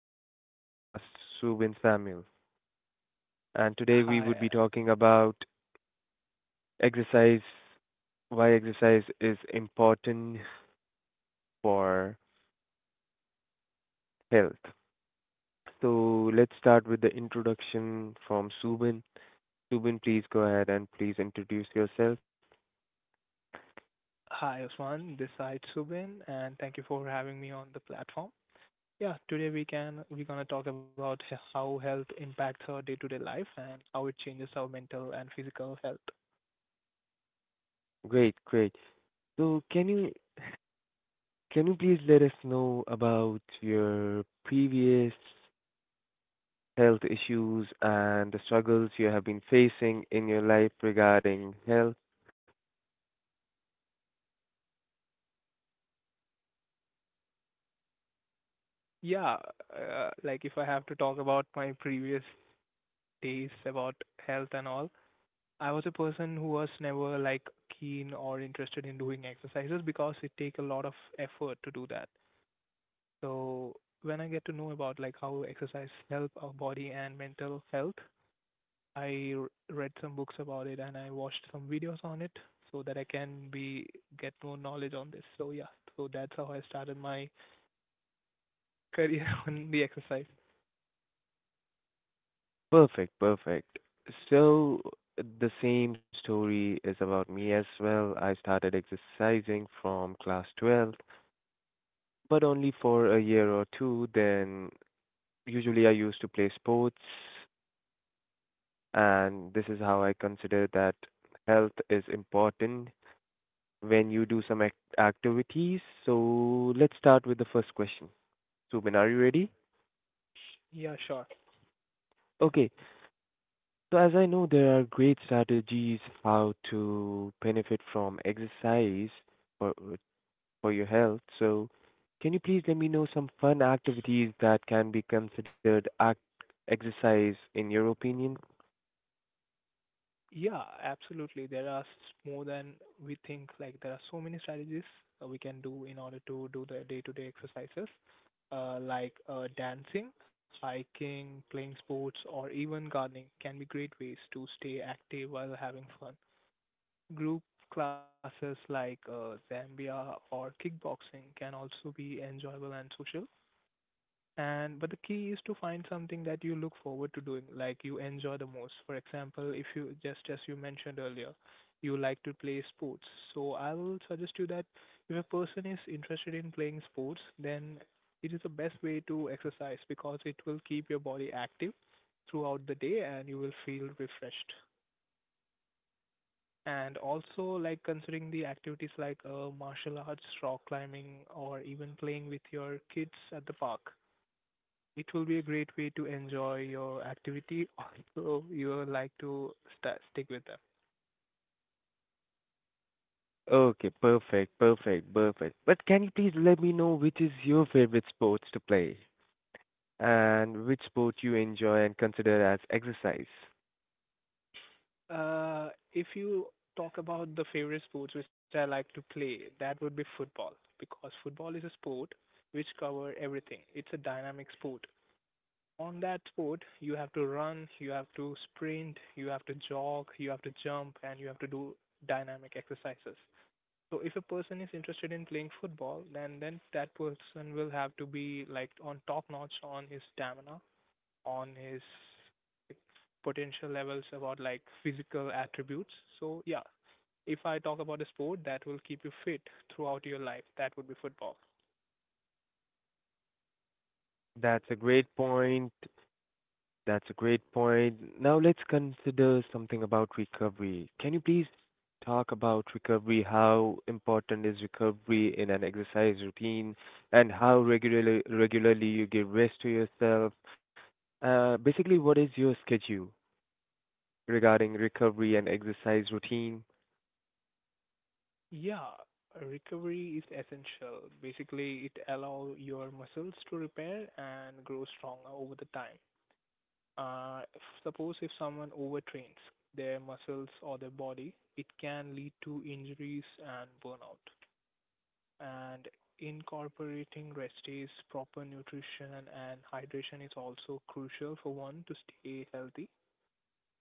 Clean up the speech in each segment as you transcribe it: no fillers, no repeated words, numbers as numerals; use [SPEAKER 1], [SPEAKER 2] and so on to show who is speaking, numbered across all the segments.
[SPEAKER 1] for the podcast, Subin Samuel. And today we would
[SPEAKER 2] Hi,
[SPEAKER 1] be talking about exercise, why exercise is important for health. So let's start with the introduction from Subin. Subin, please go ahead and please introduce yourself.
[SPEAKER 2] hi, Osman. This side Subin, and thank you for having me on the platform. Yeah, today we're gonna talk about how health impacts our day-to-day life and how it changes our mental and physical health.
[SPEAKER 1] Great. So can you please let us know about your previous health issues and the struggles you have been facing in your life regarding health.
[SPEAKER 2] Yeah, like if I have to talk about my previous days about health and all, I was a person who was never like keen or interested in doing exercises because it take a lot of effort to do that. So when I get to know about like how exercise help our body and mental health, I read some books about it and I watched some videos on it so that I can be get more knowledge on this. So yeah, so that's how I started my career on the exercise.
[SPEAKER 1] Perfect. So, the same story is about me as well. I started exercising from class 12, but only for a year or two. Then, usually, I used to play sports, and this is how I consider that health is important when you do some activities. So, let's start with the first question. Subin, are you ready?
[SPEAKER 2] Yeah, sure.
[SPEAKER 1] Okay, so as I know, there are great strategies how to benefit from exercise for your health. So can you please let me know some fun activities that can be considered act exercise in your opinion?
[SPEAKER 2] Yeah, absolutely. There are more than we think. Like there are so many strategies we can do in order to do the day-to-day exercises, like dancing, hiking, playing sports, or even gardening can be great ways to stay active while having fun. Group classes like Zambia or kickboxing can also be enjoyable and social and but the key is to find something that you look forward to doing, like you enjoy the most. For example, if you just, as you mentioned earlier, you like to play sports, so I will suggest you that if a person is interested in playing sports, then it is the best way to exercise because it will keep your body active throughout the day and you will feel refreshed. And also like considering the activities like martial arts, rock climbing, or even playing with your kids at the park, it will be a great way to enjoy your activity. Also you will like to sta stick with them.
[SPEAKER 1] Okay, perfect. But can you please let me know which is your favorite sports to play and which sport you enjoy and consider as exercise?
[SPEAKER 2] If you talk about the favorite sports which I like to play, that would be football, because football is a sport which cover everything. It's a dynamic sport. On that sport, you have to run, you have to sprint, you have to jog, you have to jump, and you have to do dynamic exercises. So if a person is interested in playing football, then that person will have to be like on top notch on his stamina, on his, like, potential levels about like physical attributes. So yeah, if I talk about a sport that will keep you fit throughout your life, that would be football.
[SPEAKER 1] That's a great point. That's a great point. Now let's consider something about recovery. Can you please talk about recovery? How important is recovery in an exercise routine, and how regularly you give rest to yourself? Basically, what is your schedule regarding recovery and exercise routine?
[SPEAKER 2] Yeah, recovery is essential. Basically, it allows your muscles to repair and grow stronger over the time. If, suppose if someone overtrains their muscles or their body, it can lead to injuries and burnout. And incorporating rest days, proper nutrition, and hydration is also crucial for one to stay healthy.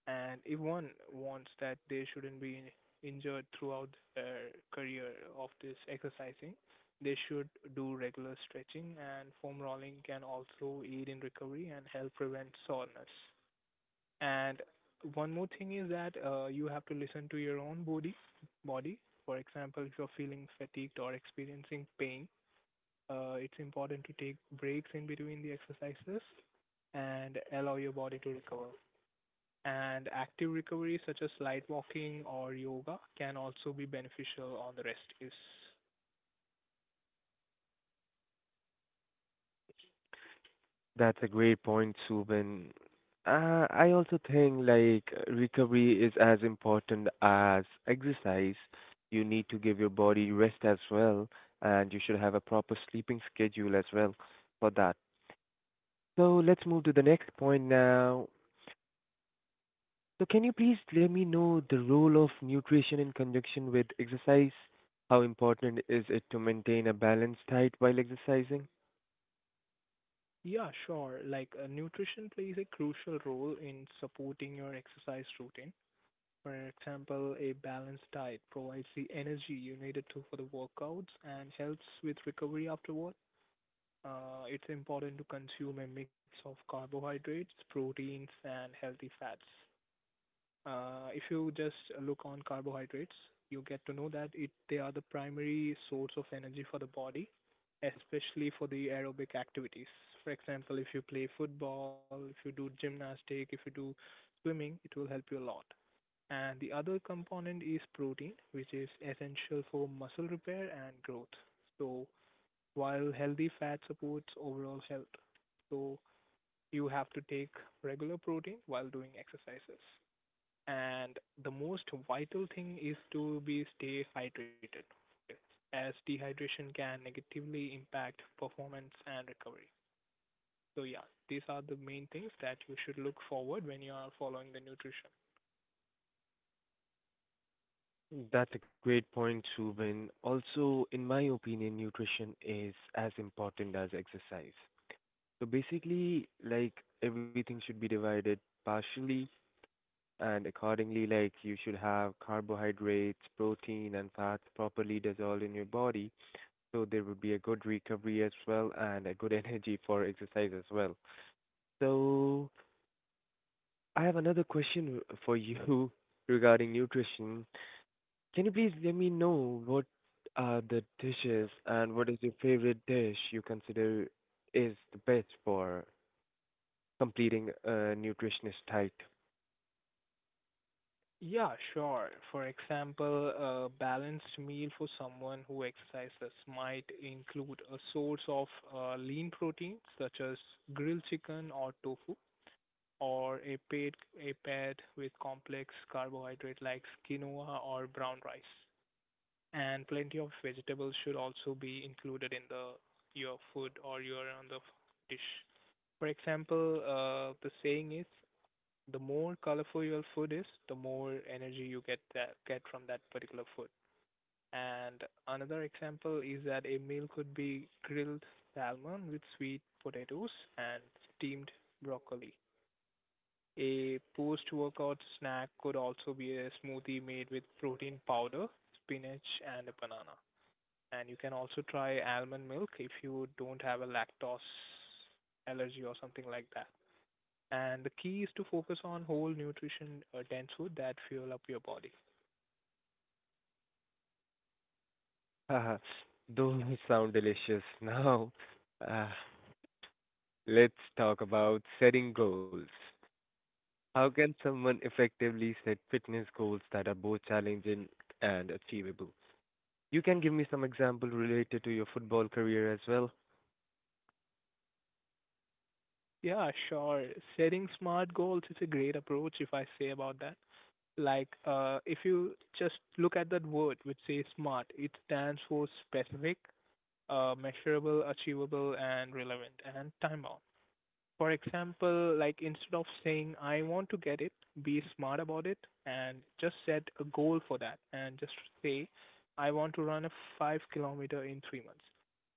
[SPEAKER 2] And if one wants that they shouldn't be injured throughout their career of this exercising, they should do regular stretching, and foam rolling can also aid in recovery and help prevent soreness. And one more thing is that you have to listen to your own body. Body, for example, if you're feeling fatigued or experiencing pain, it's important to take breaks in between the exercises and allow your body to recover. And active recovery, such as light walking or yoga, can also be beneficial on the rest days.
[SPEAKER 1] That's a great point, Subin. I also think like recovery is as important as exercise. You need to give your body rest as well, and you should have a proper sleeping schedule as well for that. So let's move to the next point now. So can you please let me know the role of nutrition in conjunction with exercise? How important is it to maintain a balanced diet while exercising?
[SPEAKER 2] Yeah, sure. Like nutrition plays a crucial role in supporting your exercise routine. For example, a balanced diet provides the energy you needed to for the workouts and helps with recovery afterward. It's important to consume a mix of carbohydrates, proteins, and healthy fats. If you just look on carbohydrates, you get to know that it they are the primary source of energy for the body, especially for the aerobic activities. For example, if you play football, if you do gymnastics, if you do swimming, it will help you a lot. And the other component is protein, which is essential for muscle repair and growth. So while healthy fat supports overall health, so you have to take regular protein while doing exercises. And the most vital thing is to be stay hydrated, as dehydration can negatively impact performance and recovery. So yeah, these are the main things that you should look forward when you are following the nutrition.
[SPEAKER 1] That's a great point, Ruben. Also, in my opinion, nutrition is as important as exercise. So basically, like everything should be divided partially and accordingly, like you should have carbohydrates, protein, and fats properly dissolved in your body. So there would be a good recovery as well and a good energy for exercise as well. So I have another question for you regarding nutrition. Can you please let me know what are the dishes and what is your favorite dish you consider is the best for completing a nutritionist diet?
[SPEAKER 2] Yeah, sure. For example, a balanced meal for someone who exercises might include a source of lean protein, such as grilled chicken or tofu, or a paired with complex carbohydrate like quinoa or brown rice. And plenty of vegetables should also be included in the your food or your on the dish. For example, the saying is the more colorful your food is, the more energy you get from that particular food. And another example is that a meal could be grilled salmon with sweet potatoes and steamed broccoli. A post-workout snack could also be a smoothie made with protein powder, spinach, and a banana. And you can also try almond milk if you don't have a lactose allergy or something like that. And the key is to focus on whole nutrition, dense food that fuel up your body.
[SPEAKER 1] Haha, those sound delicious. Now, uh, let's talk about setting goals. How can someone effectively set fitness goals that are both challenging and achievable? You can give me some example related to your football career as well.
[SPEAKER 2] Yeah, sure. Setting smart goals is a great approach if I say about that. Like, if you just look at that word which says SMART, it stands for specific, measurable, achievable, and relevant, and time bound. For example, like instead of saying, I want to get it, be smart about it and just set a goal for that and just say, I want to run a 5 kilometer in 3 months.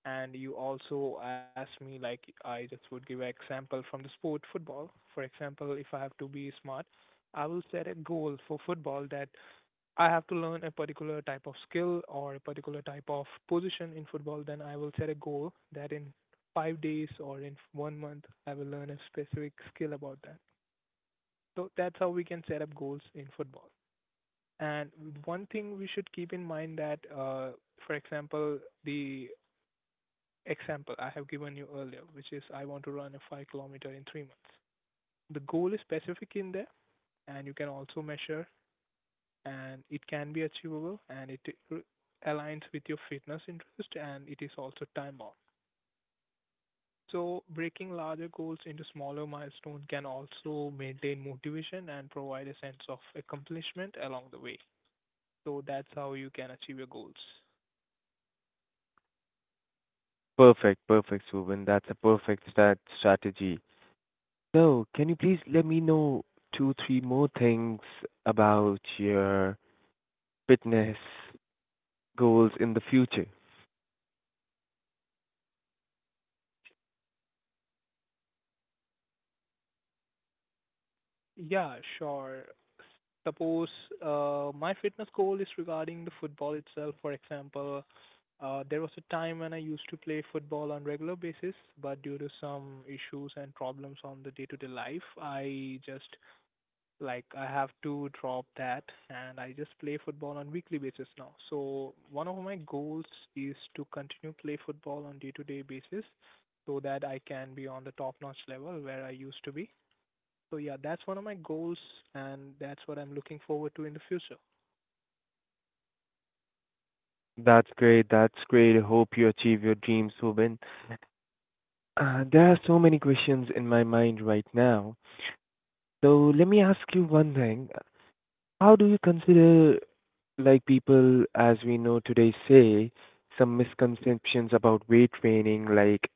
[SPEAKER 2] And you also asked me, like, I just would give an example from the sport football. For example, if I have to be smart, I will set a goal for football that I have to learn a particular type of skill or a particular type of position in football, then I will set a goal that in 5 days or in one month I will learn a specific skill about that. So that's how we can set up goals in football. And one thing we should keep in mind that, for example, the example I have given you earlier, which is I want to run a 5 kilometer in 3 months. The goal is specific in there, and you can also measure, and it can be achievable, and it r- aligns with your fitness interest, and it is also time bound. So breaking larger goals into smaller milestones can also maintain motivation and provide a sense of accomplishment along the way. So that's how you can achieve your goals.
[SPEAKER 1] Perfect, perfect, Subhan. That's a perfect stat strategy. So, can you please let me know two, three more things about your fitness goals in the future?
[SPEAKER 2] Yeah, sure. Suppose my fitness goal is regarding the football itself. For example, there was a time when I used to play football on regular basis, but due to some issues and problems on the day-to-day life, I just, like, I have to drop that, and I just play football on weekly basis now. So one of my goals is to continue play football on day-to-day basis, so that I can be on the top-notch level where I used to be. So yeah, that's one of my goals, and that's what I'm looking forward to in the future.
[SPEAKER 1] That's great. I hope you achieve your dreams, Subin. There are so many questions in my mind right now. So, let me ask you one thing. How do you consider, like people, as we know today, say, some misconceptions about weight training, like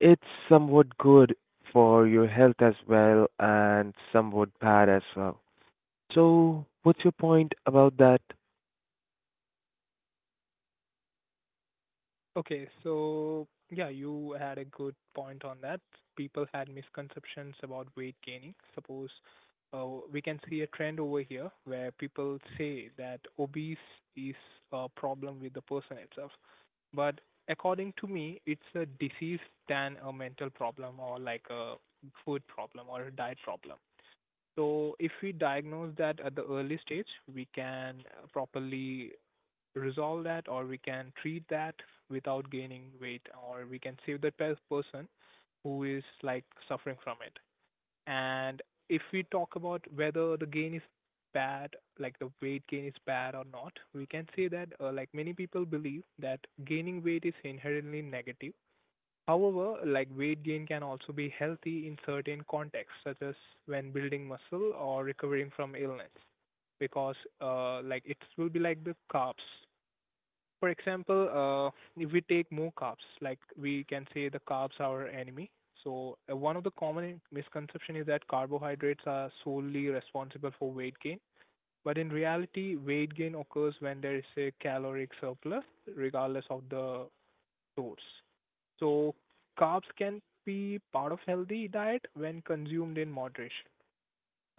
[SPEAKER 1] it's somewhat good for your health as well and somewhat bad as well. So, what's your point about that?
[SPEAKER 2] Okay, so yeah, you had a good point on that. People had misconceptions about weight gaining. Suppose uh, we can see a trend over here where people say that obese is a problem with the person itself. But according to me, it's a disease than a mental problem or like a food problem or a diet problem. So if we diagnose that at the early stage, we can properly resolve that, or we can treat that without gaining weight, or we can save that person who is like suffering from it. And if we talk about whether the gain is bad, like the weight gain is bad or not, we can say that like many people believe that gaining weight is inherently negative. However, like weight gain can also be healthy in certain contexts, such as when building muscle or recovering from illness, because like it will be like the carbs. For example, if we take more carbs, like we can say the carbs are our enemy. So one of the common misconception is that carbohydrates are solely responsible for weight gain, but in reality, weight gain occurs when there is a caloric surplus, regardless of the source. So carbs can be part of healthy diet when consumed in moderation.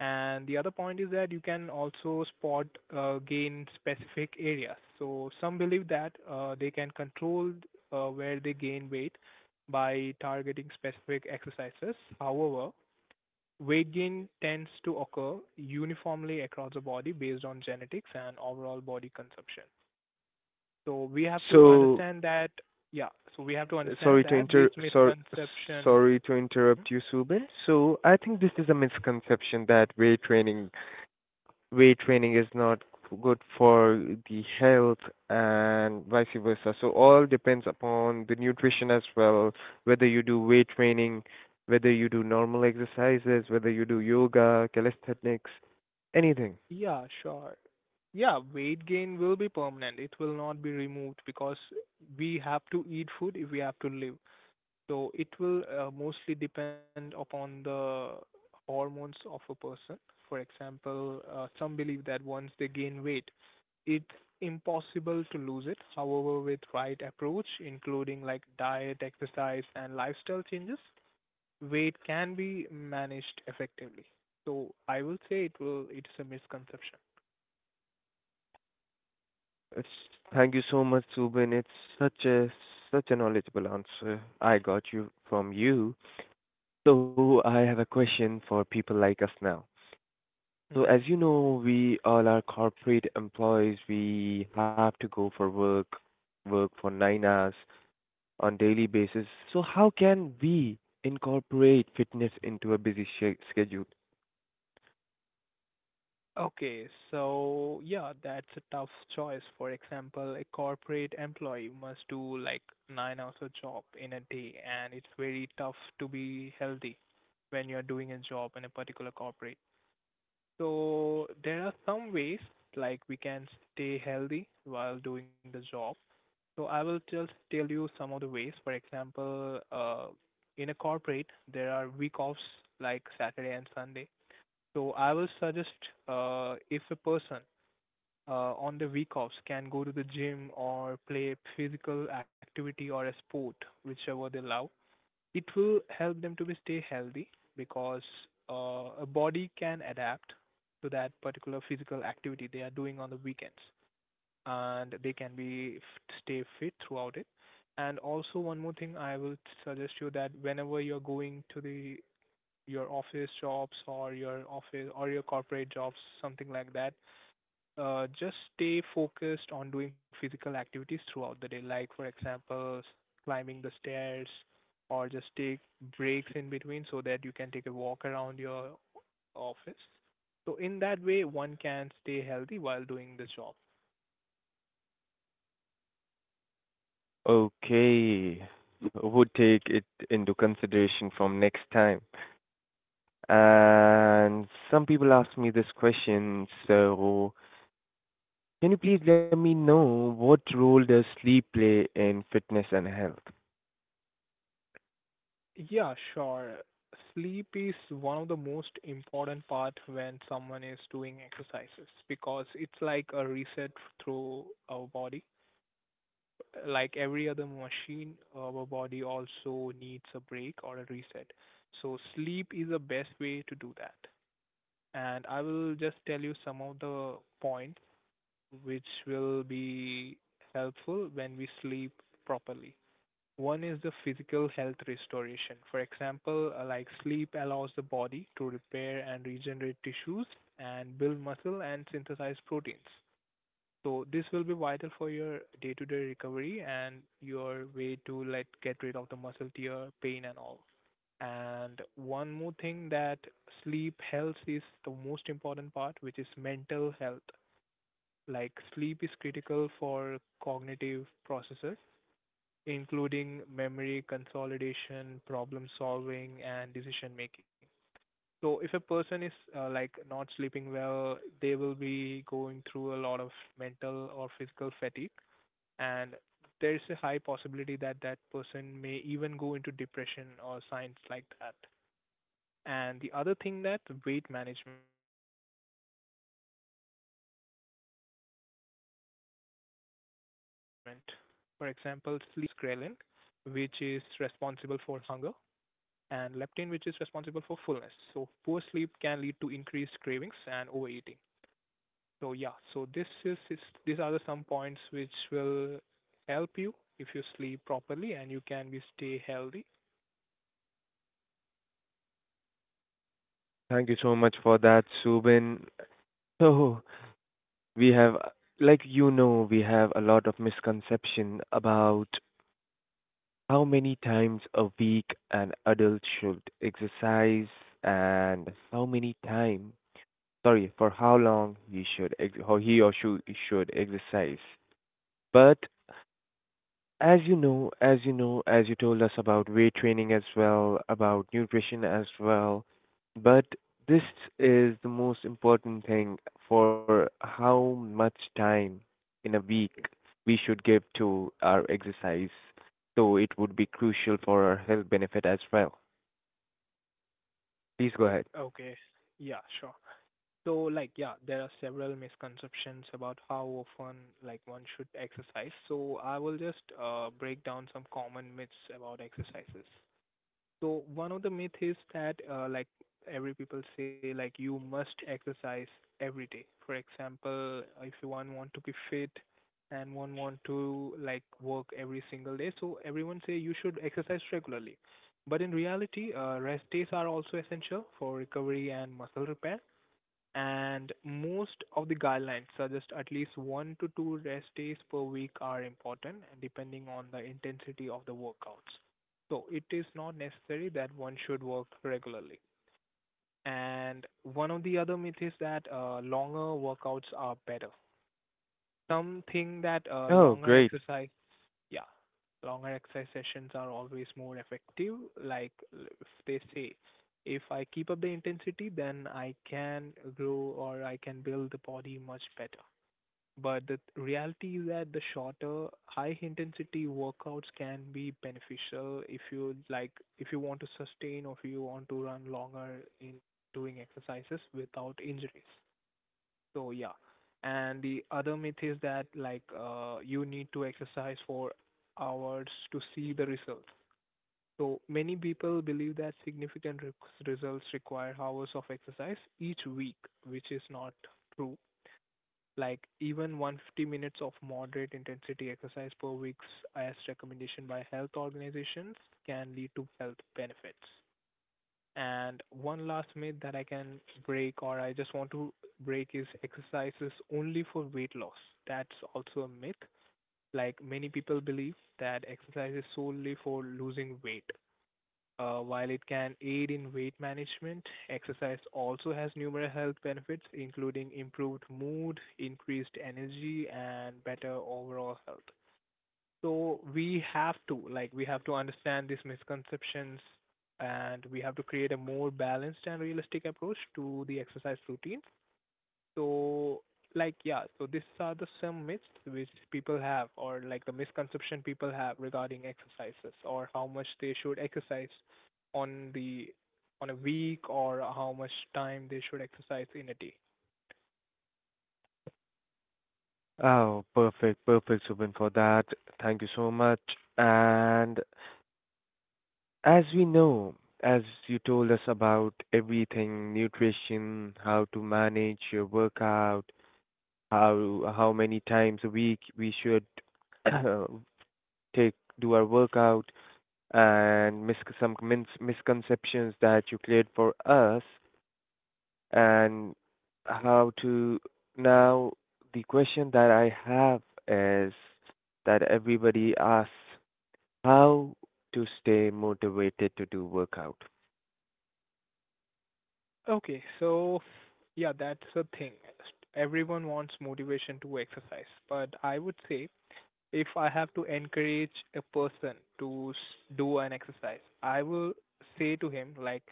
[SPEAKER 2] And the other point is that you can also spot gain specific areas. So some believe that they can control where they gain weight by targeting specific exercises. However, weight gain tends to occur uniformly across the body based on genetics and overall body consumption. So we have to understand
[SPEAKER 1] So,
[SPEAKER 2] that, yeah, so we have to understand
[SPEAKER 1] sorry to
[SPEAKER 2] that this
[SPEAKER 1] inter sor
[SPEAKER 2] misconception,
[SPEAKER 1] sorry to
[SPEAKER 2] hmm?
[SPEAKER 1] interrupt you, Subin. So, I think this is a misconception that weight training is not good for the health and vice versa. So all depends upon the nutrition as well, whether you do weight training, whether you do normal exercises, whether you do yoga, calisthenics, anything.
[SPEAKER 2] Yeah, sure. Yeah, weight gain will be permanent. It will not be removed because we have to eat food if we have to live. So it will mostly depend upon the hormones of a person. For example, some believe that once they gain weight, it's impossible to lose it. However, with right approach, including like diet, exercise, and lifestyle changes, weight can be managed effectively. So I will say it will. It's a misconception.
[SPEAKER 1] It's, thank you so much, Subin. It's such a such a knowledgeable answer I got you from you. So I have a question for people like us now. So
[SPEAKER 2] Mm-hmm.
[SPEAKER 1] as you know, we all are corporate employees. We have to go for work, for 9 hours on daily basis. So how can we incorporate fitness into a busy schedule?
[SPEAKER 2] Okay, so yeah, that's a tough choice. For example, a corporate employee must do like 9 hours of job in a day, and it's very tough to be healthy when you're doing a job in a particular corporate. So there are some ways like we can stay healthy while doing the job. So I will just tell you some of the ways. For example, in a corporate, there are week offs like Saturday and Sunday. So I will suggest if a person on the week offs can go to the gym or play physical activity or a sport, whichever they love, it will help them to be stay healthy because a body can adapt to that particular physical activity they are doing on the weekends and they can be stay fit throughout it. And also one more thing I will suggest you that whenever you're going to the your office jobs or your office or your corporate jobs, something like that, just stay focused on doing physical activities throughout the day. Like for example, climbing the stairs or just take breaks in between so that you can take a walk around your office. So in that way, one can stay healthy while doing the job.
[SPEAKER 1] Okay, would take it into consideration from next time. And some people ask me this question, so can you please let me know what role does sleep play in fitness and health?
[SPEAKER 2] Yeah, sure. Sleep is one of the most important part when someone is doing exercises because it's like a reset through our body. Like every other machine, our body also needs a break or a reset. So sleep is the best way to do that. And I will just tell you some of the points which will be helpful when we sleep properly. One is the physical health restoration. For example, like sleep allows the body to repair and regenerate tissues and build muscle and synthesize proteins. So this will be vital for your day-to-day recovery and your way to like get rid of the muscle tear, pain and all. And one more thing that sleep health is the most important part, which is mental health. Like sleep is critical for cognitive processes including memory consolidation, problem solving, and decision making. So if a person is like not sleeping well, they will be going through a lot of mental or physical fatigue, and there's a high possibility that that person may even go into depression or signs like that. And the other thing that weight management, for example, sleep influences hormones that regulate appetite, such as ghrelin, which is responsible for hunger and leptin, which is responsible for fullness. So poor sleep can lead to increased cravings and overeating. So yeah, so this is these are the some points which will help you if you sleep properly and you can be stay healthy.
[SPEAKER 1] Thank you so much for that, Subin. So we have, like you know, we have a lot of misconception about how many times a week an adult should exercise and how many time, sorry, for how long he should ex or he or she should exercise. But as you know, as you told us about weight training as well, about nutrition as well, but this is the most important thing for how much time in a week we should give to our exercise. So it would be crucial for our health benefit as well. Please go ahead.
[SPEAKER 2] Okay. Yeah, sure. So like yeah, there are several misconceptions about how often like one should exercise. So I will just break down some common myths about exercises. So one of the myth is that like every people say like you must exercise every day. For example, if you one want to be fit and one want to like work every single day, so everyone say you should exercise regularly. But in reality, rest days are also essential for recovery and muscle repair and most of the guidelines suggest at least one to two rest days per week are important and depending on the intensity of the workouts. So it is not necessary that one should work regularly. And one of the other myths is that longer workouts are better. Something that
[SPEAKER 1] Oh,
[SPEAKER 2] longer
[SPEAKER 1] great.
[SPEAKER 2] exercise, yeah, longer exercise sessions are always more effective. If they say, if I keep up the intensity, then I can grow or I can build the body much better. But the reality is that the shorter, high intensity workouts can be beneficial if you like, if you want to sustain or if you want to run longer in doing exercises without injuries. So yeah. And the other myth is that like you need to exercise for hours to see the results. So many people believe that results require hours of exercise each week, which is not true. Like even 150 minutes of moderate intensity exercise per week, as recommendation by health organizations, can lead to health benefits. And one last myth that I can break or I just want to break is exercise is only for weight loss. That's also a myth. Like many people believe that exercise is solely for losing weight. While it can aid in weight management, exercise also has numerous health benefits, including improved mood, increased energy, and better overall health. So we have to, like, we have to understand these misconceptions and we have to create a more balanced and realistic approach to the exercise routines. So, like, yeah, so these are the some myths which people have, or like the misconception people have regarding exercises, or how much they should exercise on the on a week, or how much time they should exercise in a day.
[SPEAKER 1] Oh, perfect, perfect, Subin, for that. Thank you so much. And as we know, as you told us about everything, nutrition, how to manage your workout, how many times a week we should take do our workout, and mis some min misconceptions that you cleared for us, and how to now the question that I have is that everybody asks how to stay motivated to do workout.
[SPEAKER 2] Okay, so yeah, that's the thing. Everyone wants motivation to exercise, but I would say if I have to encourage a person to do an exercise, I will say to him like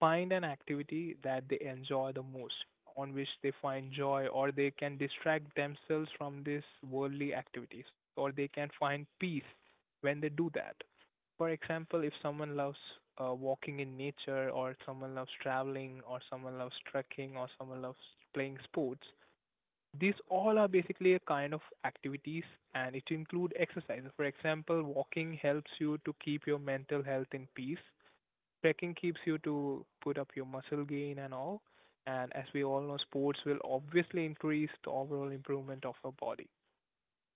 [SPEAKER 2] find an activity that they enjoy the most, on which they find joy, or they can distract themselves from these worldly activities, or they can find peace when they do that. For example, if someone loves walking in nature, or someone loves traveling, or someone loves trekking, or someone loves playing sports, these all are basically a kind of activities and it include exercise. For example, walking helps you to keep your mental health in peace. Trekking keeps you to put up your muscle gain and all. And as we all know, sports will obviously increase the overall improvement of our body.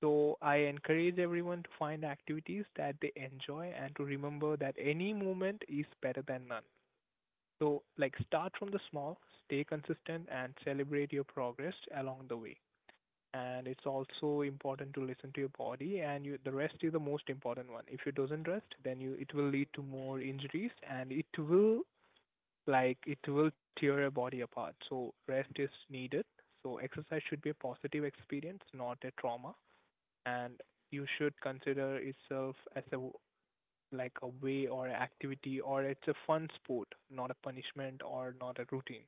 [SPEAKER 2] So I encourage everyone to find activities that they enjoy and to remember that any movement is better than none. So like start from the small, stay consistent and celebrate your progress along the way. And it's also important to listen to your body and you, the rest is the most important one. If you doesn't rest, then you it will lead to more injuries and it will like it will tear your body apart. So rest is needed. So exercise should be a positive experience, not a trauma and you should consider itself as a like a way or a activity or it's a fun sport, not a punishment or not a routine.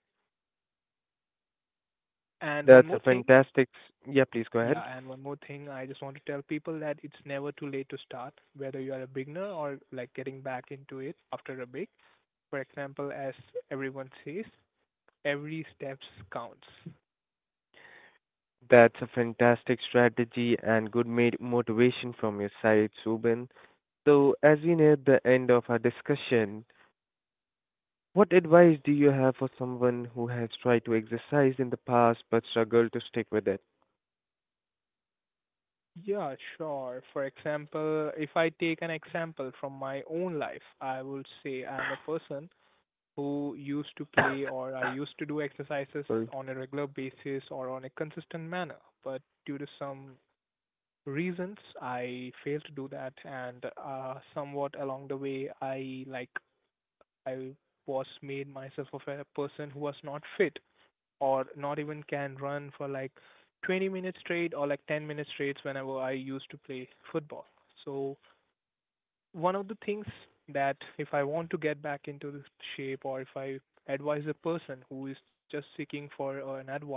[SPEAKER 2] And one
[SPEAKER 1] That's a
[SPEAKER 2] more thing,
[SPEAKER 1] fantastic. Yeah, please go ahead.
[SPEAKER 2] yeah, and one more thing, I just want to tell people that it's never too late to start, whether you are a beginner or like getting back into it after a break. For example, as everyone says, every steps counts.
[SPEAKER 1] That's a fantastic strategy and good made motivation from your side, Subin. So, as we near the end of our discussion, what advice do you have for someone who has tried to exercise in the past but struggled to stick with it?
[SPEAKER 2] Yeah, sure. For example, if I take an example from my own life, I would say I'm a person who used to play or I used to do exercises
[SPEAKER 1] Sorry.
[SPEAKER 2] on a regular basis or on a consistent manner. But due to some reasons, I failed to do that, and somewhat along the way, I was made myself of a person who was not fit or not even can run for like 20 minutes straight or like 10 minutes straight whenever I used to play football. So one of the things that if I want to get back into this shape or if I advise a person who is just seeking for an advice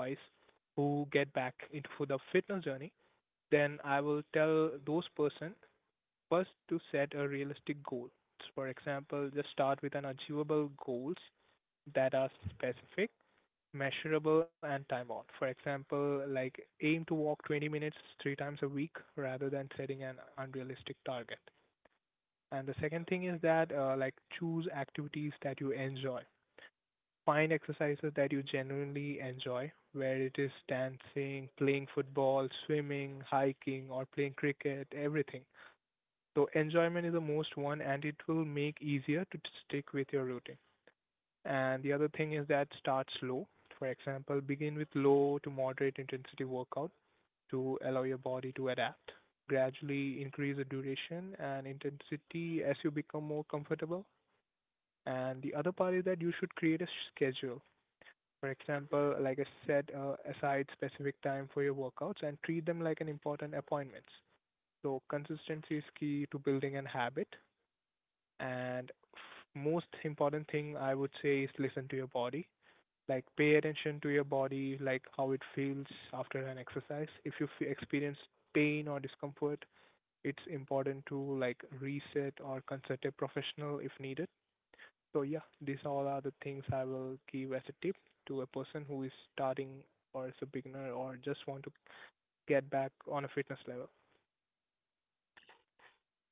[SPEAKER 2] who get back into for the fitness journey, then I will tell those person first to set a realistic goal. For example, just start with an achievable goals that are specific, measurable and time bound. For example, like aim to walk 20 minutes three times a week rather than setting an unrealistic target. And the second thing is that like choose activities that you enjoy. Find exercises that you genuinely enjoy, where it is dancing, playing football, swimming, hiking, or playing cricket, everything. So enjoyment is the most one, and it will make easier to stick with your routine. And the other thing is that start slow. For example, begin with low to moderate intensity workout to allow your body to adapt. Gradually increase the duration and intensity as you become more comfortable and the other part is that you should create a schedule. For example, like I said, aside specific time for your workouts and treat them like an important appointments. So consistency is key to building an habit. And most important thing I would say is listen to your body. Like pay attention to your body, like how it feels after an exercise. If you experience pain or discomfort, it's important to like reset or consult a professional if needed so yeah, these all are the things I will give as a tip to a person who is starting or is a beginner or just want to get back on a fitness level.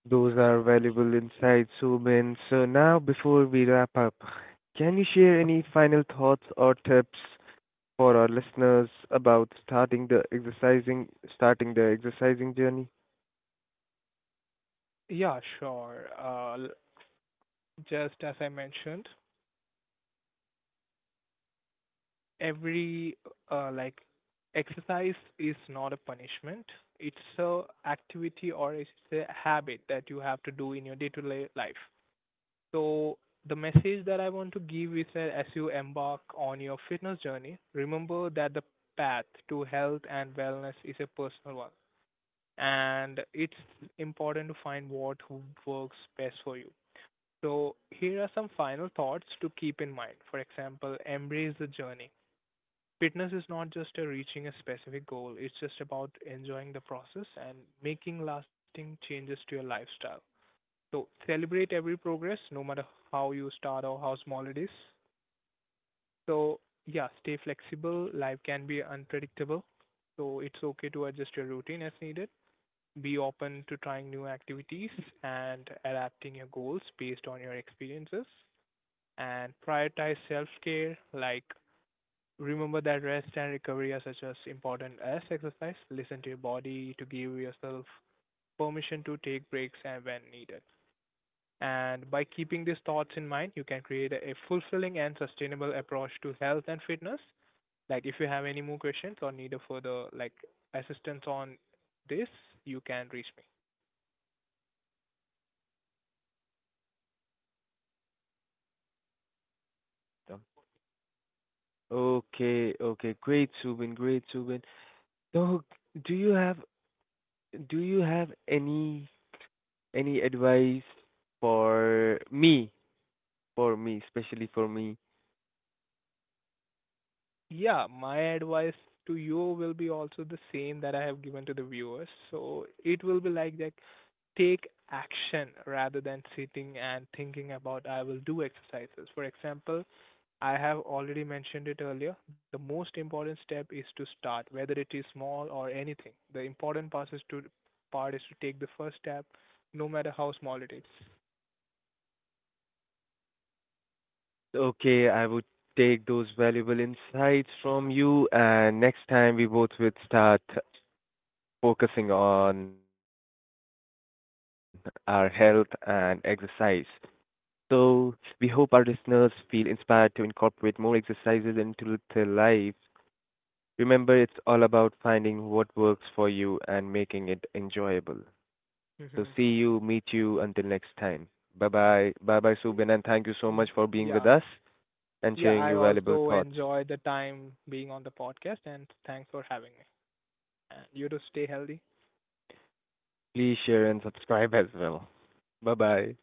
[SPEAKER 1] Those are valuable insights, Subin. So, now before we wrap up, can you share any final thoughts or tips for our listeners about starting the exercising journey?
[SPEAKER 2] Yeah, sure. Just as I mentioned, every like exercise is not a punishment. It's a activity or it's a habit that you have to do in your day-to-day life. So the message that I want to give is that as you embark on your fitness journey, remember that the path to health and wellness is a personal one, and it's important to find what works best for you. So here are some final thoughts to keep in mind. For example, embrace the journey. Fitness is not just a reaching a specific goal, it's just about enjoying the process and making lasting changes to your lifestyle. So celebrate every progress, no matter how you start or how small it is. So yeah, stay flexible. Life can be unpredictable, so it's okay to adjust your routine as needed. Be open to trying new activities and adapting your goals based on your experiences. And prioritize self care, like remember that rest and recovery are such as important as exercise. Listen to your body to give yourself permission to take breaks and when needed. And by keeping these thoughts in mind, you can create a fulfilling and sustainable approach to health and fitness. Like if you have any more questions or need a further like assistance on this, you can reach me.
[SPEAKER 1] Um, Okay, great, Subin. So, do you have do you have any advice for me, especially for me?
[SPEAKER 2] Yeah, my advice to you will be also the same that I have given to the viewers. So it will be like that take action rather than sitting and thinking about I will do exercises. For example, I have already mentioned it earlier. The most important step is to start, whether it is small or anything. The important part is to take the first step, no matter how small it is.
[SPEAKER 1] Okay, I would take those valuable insights from you, and next time we both would start focusing on our health and exercise. So, we hope our listeners feel inspired to incorporate more exercises into their lives. Remember, it's all about finding what works for you and making it enjoyable. So,
[SPEAKER 2] Mm-hmm.
[SPEAKER 1] see you, meet you until next time. Bye bye. Bye bye, Subin, and thank you so much for being with
[SPEAKER 2] Yeah,
[SPEAKER 1] us and
[SPEAKER 2] yeah.
[SPEAKER 1] sharing
[SPEAKER 2] I
[SPEAKER 1] your valuable
[SPEAKER 2] also
[SPEAKER 1] thoughts.
[SPEAKER 2] enjoy the time being on the podcast, and thanks for having me. And you to stay healthy.
[SPEAKER 1] Please share and subscribe as well. Bye bye.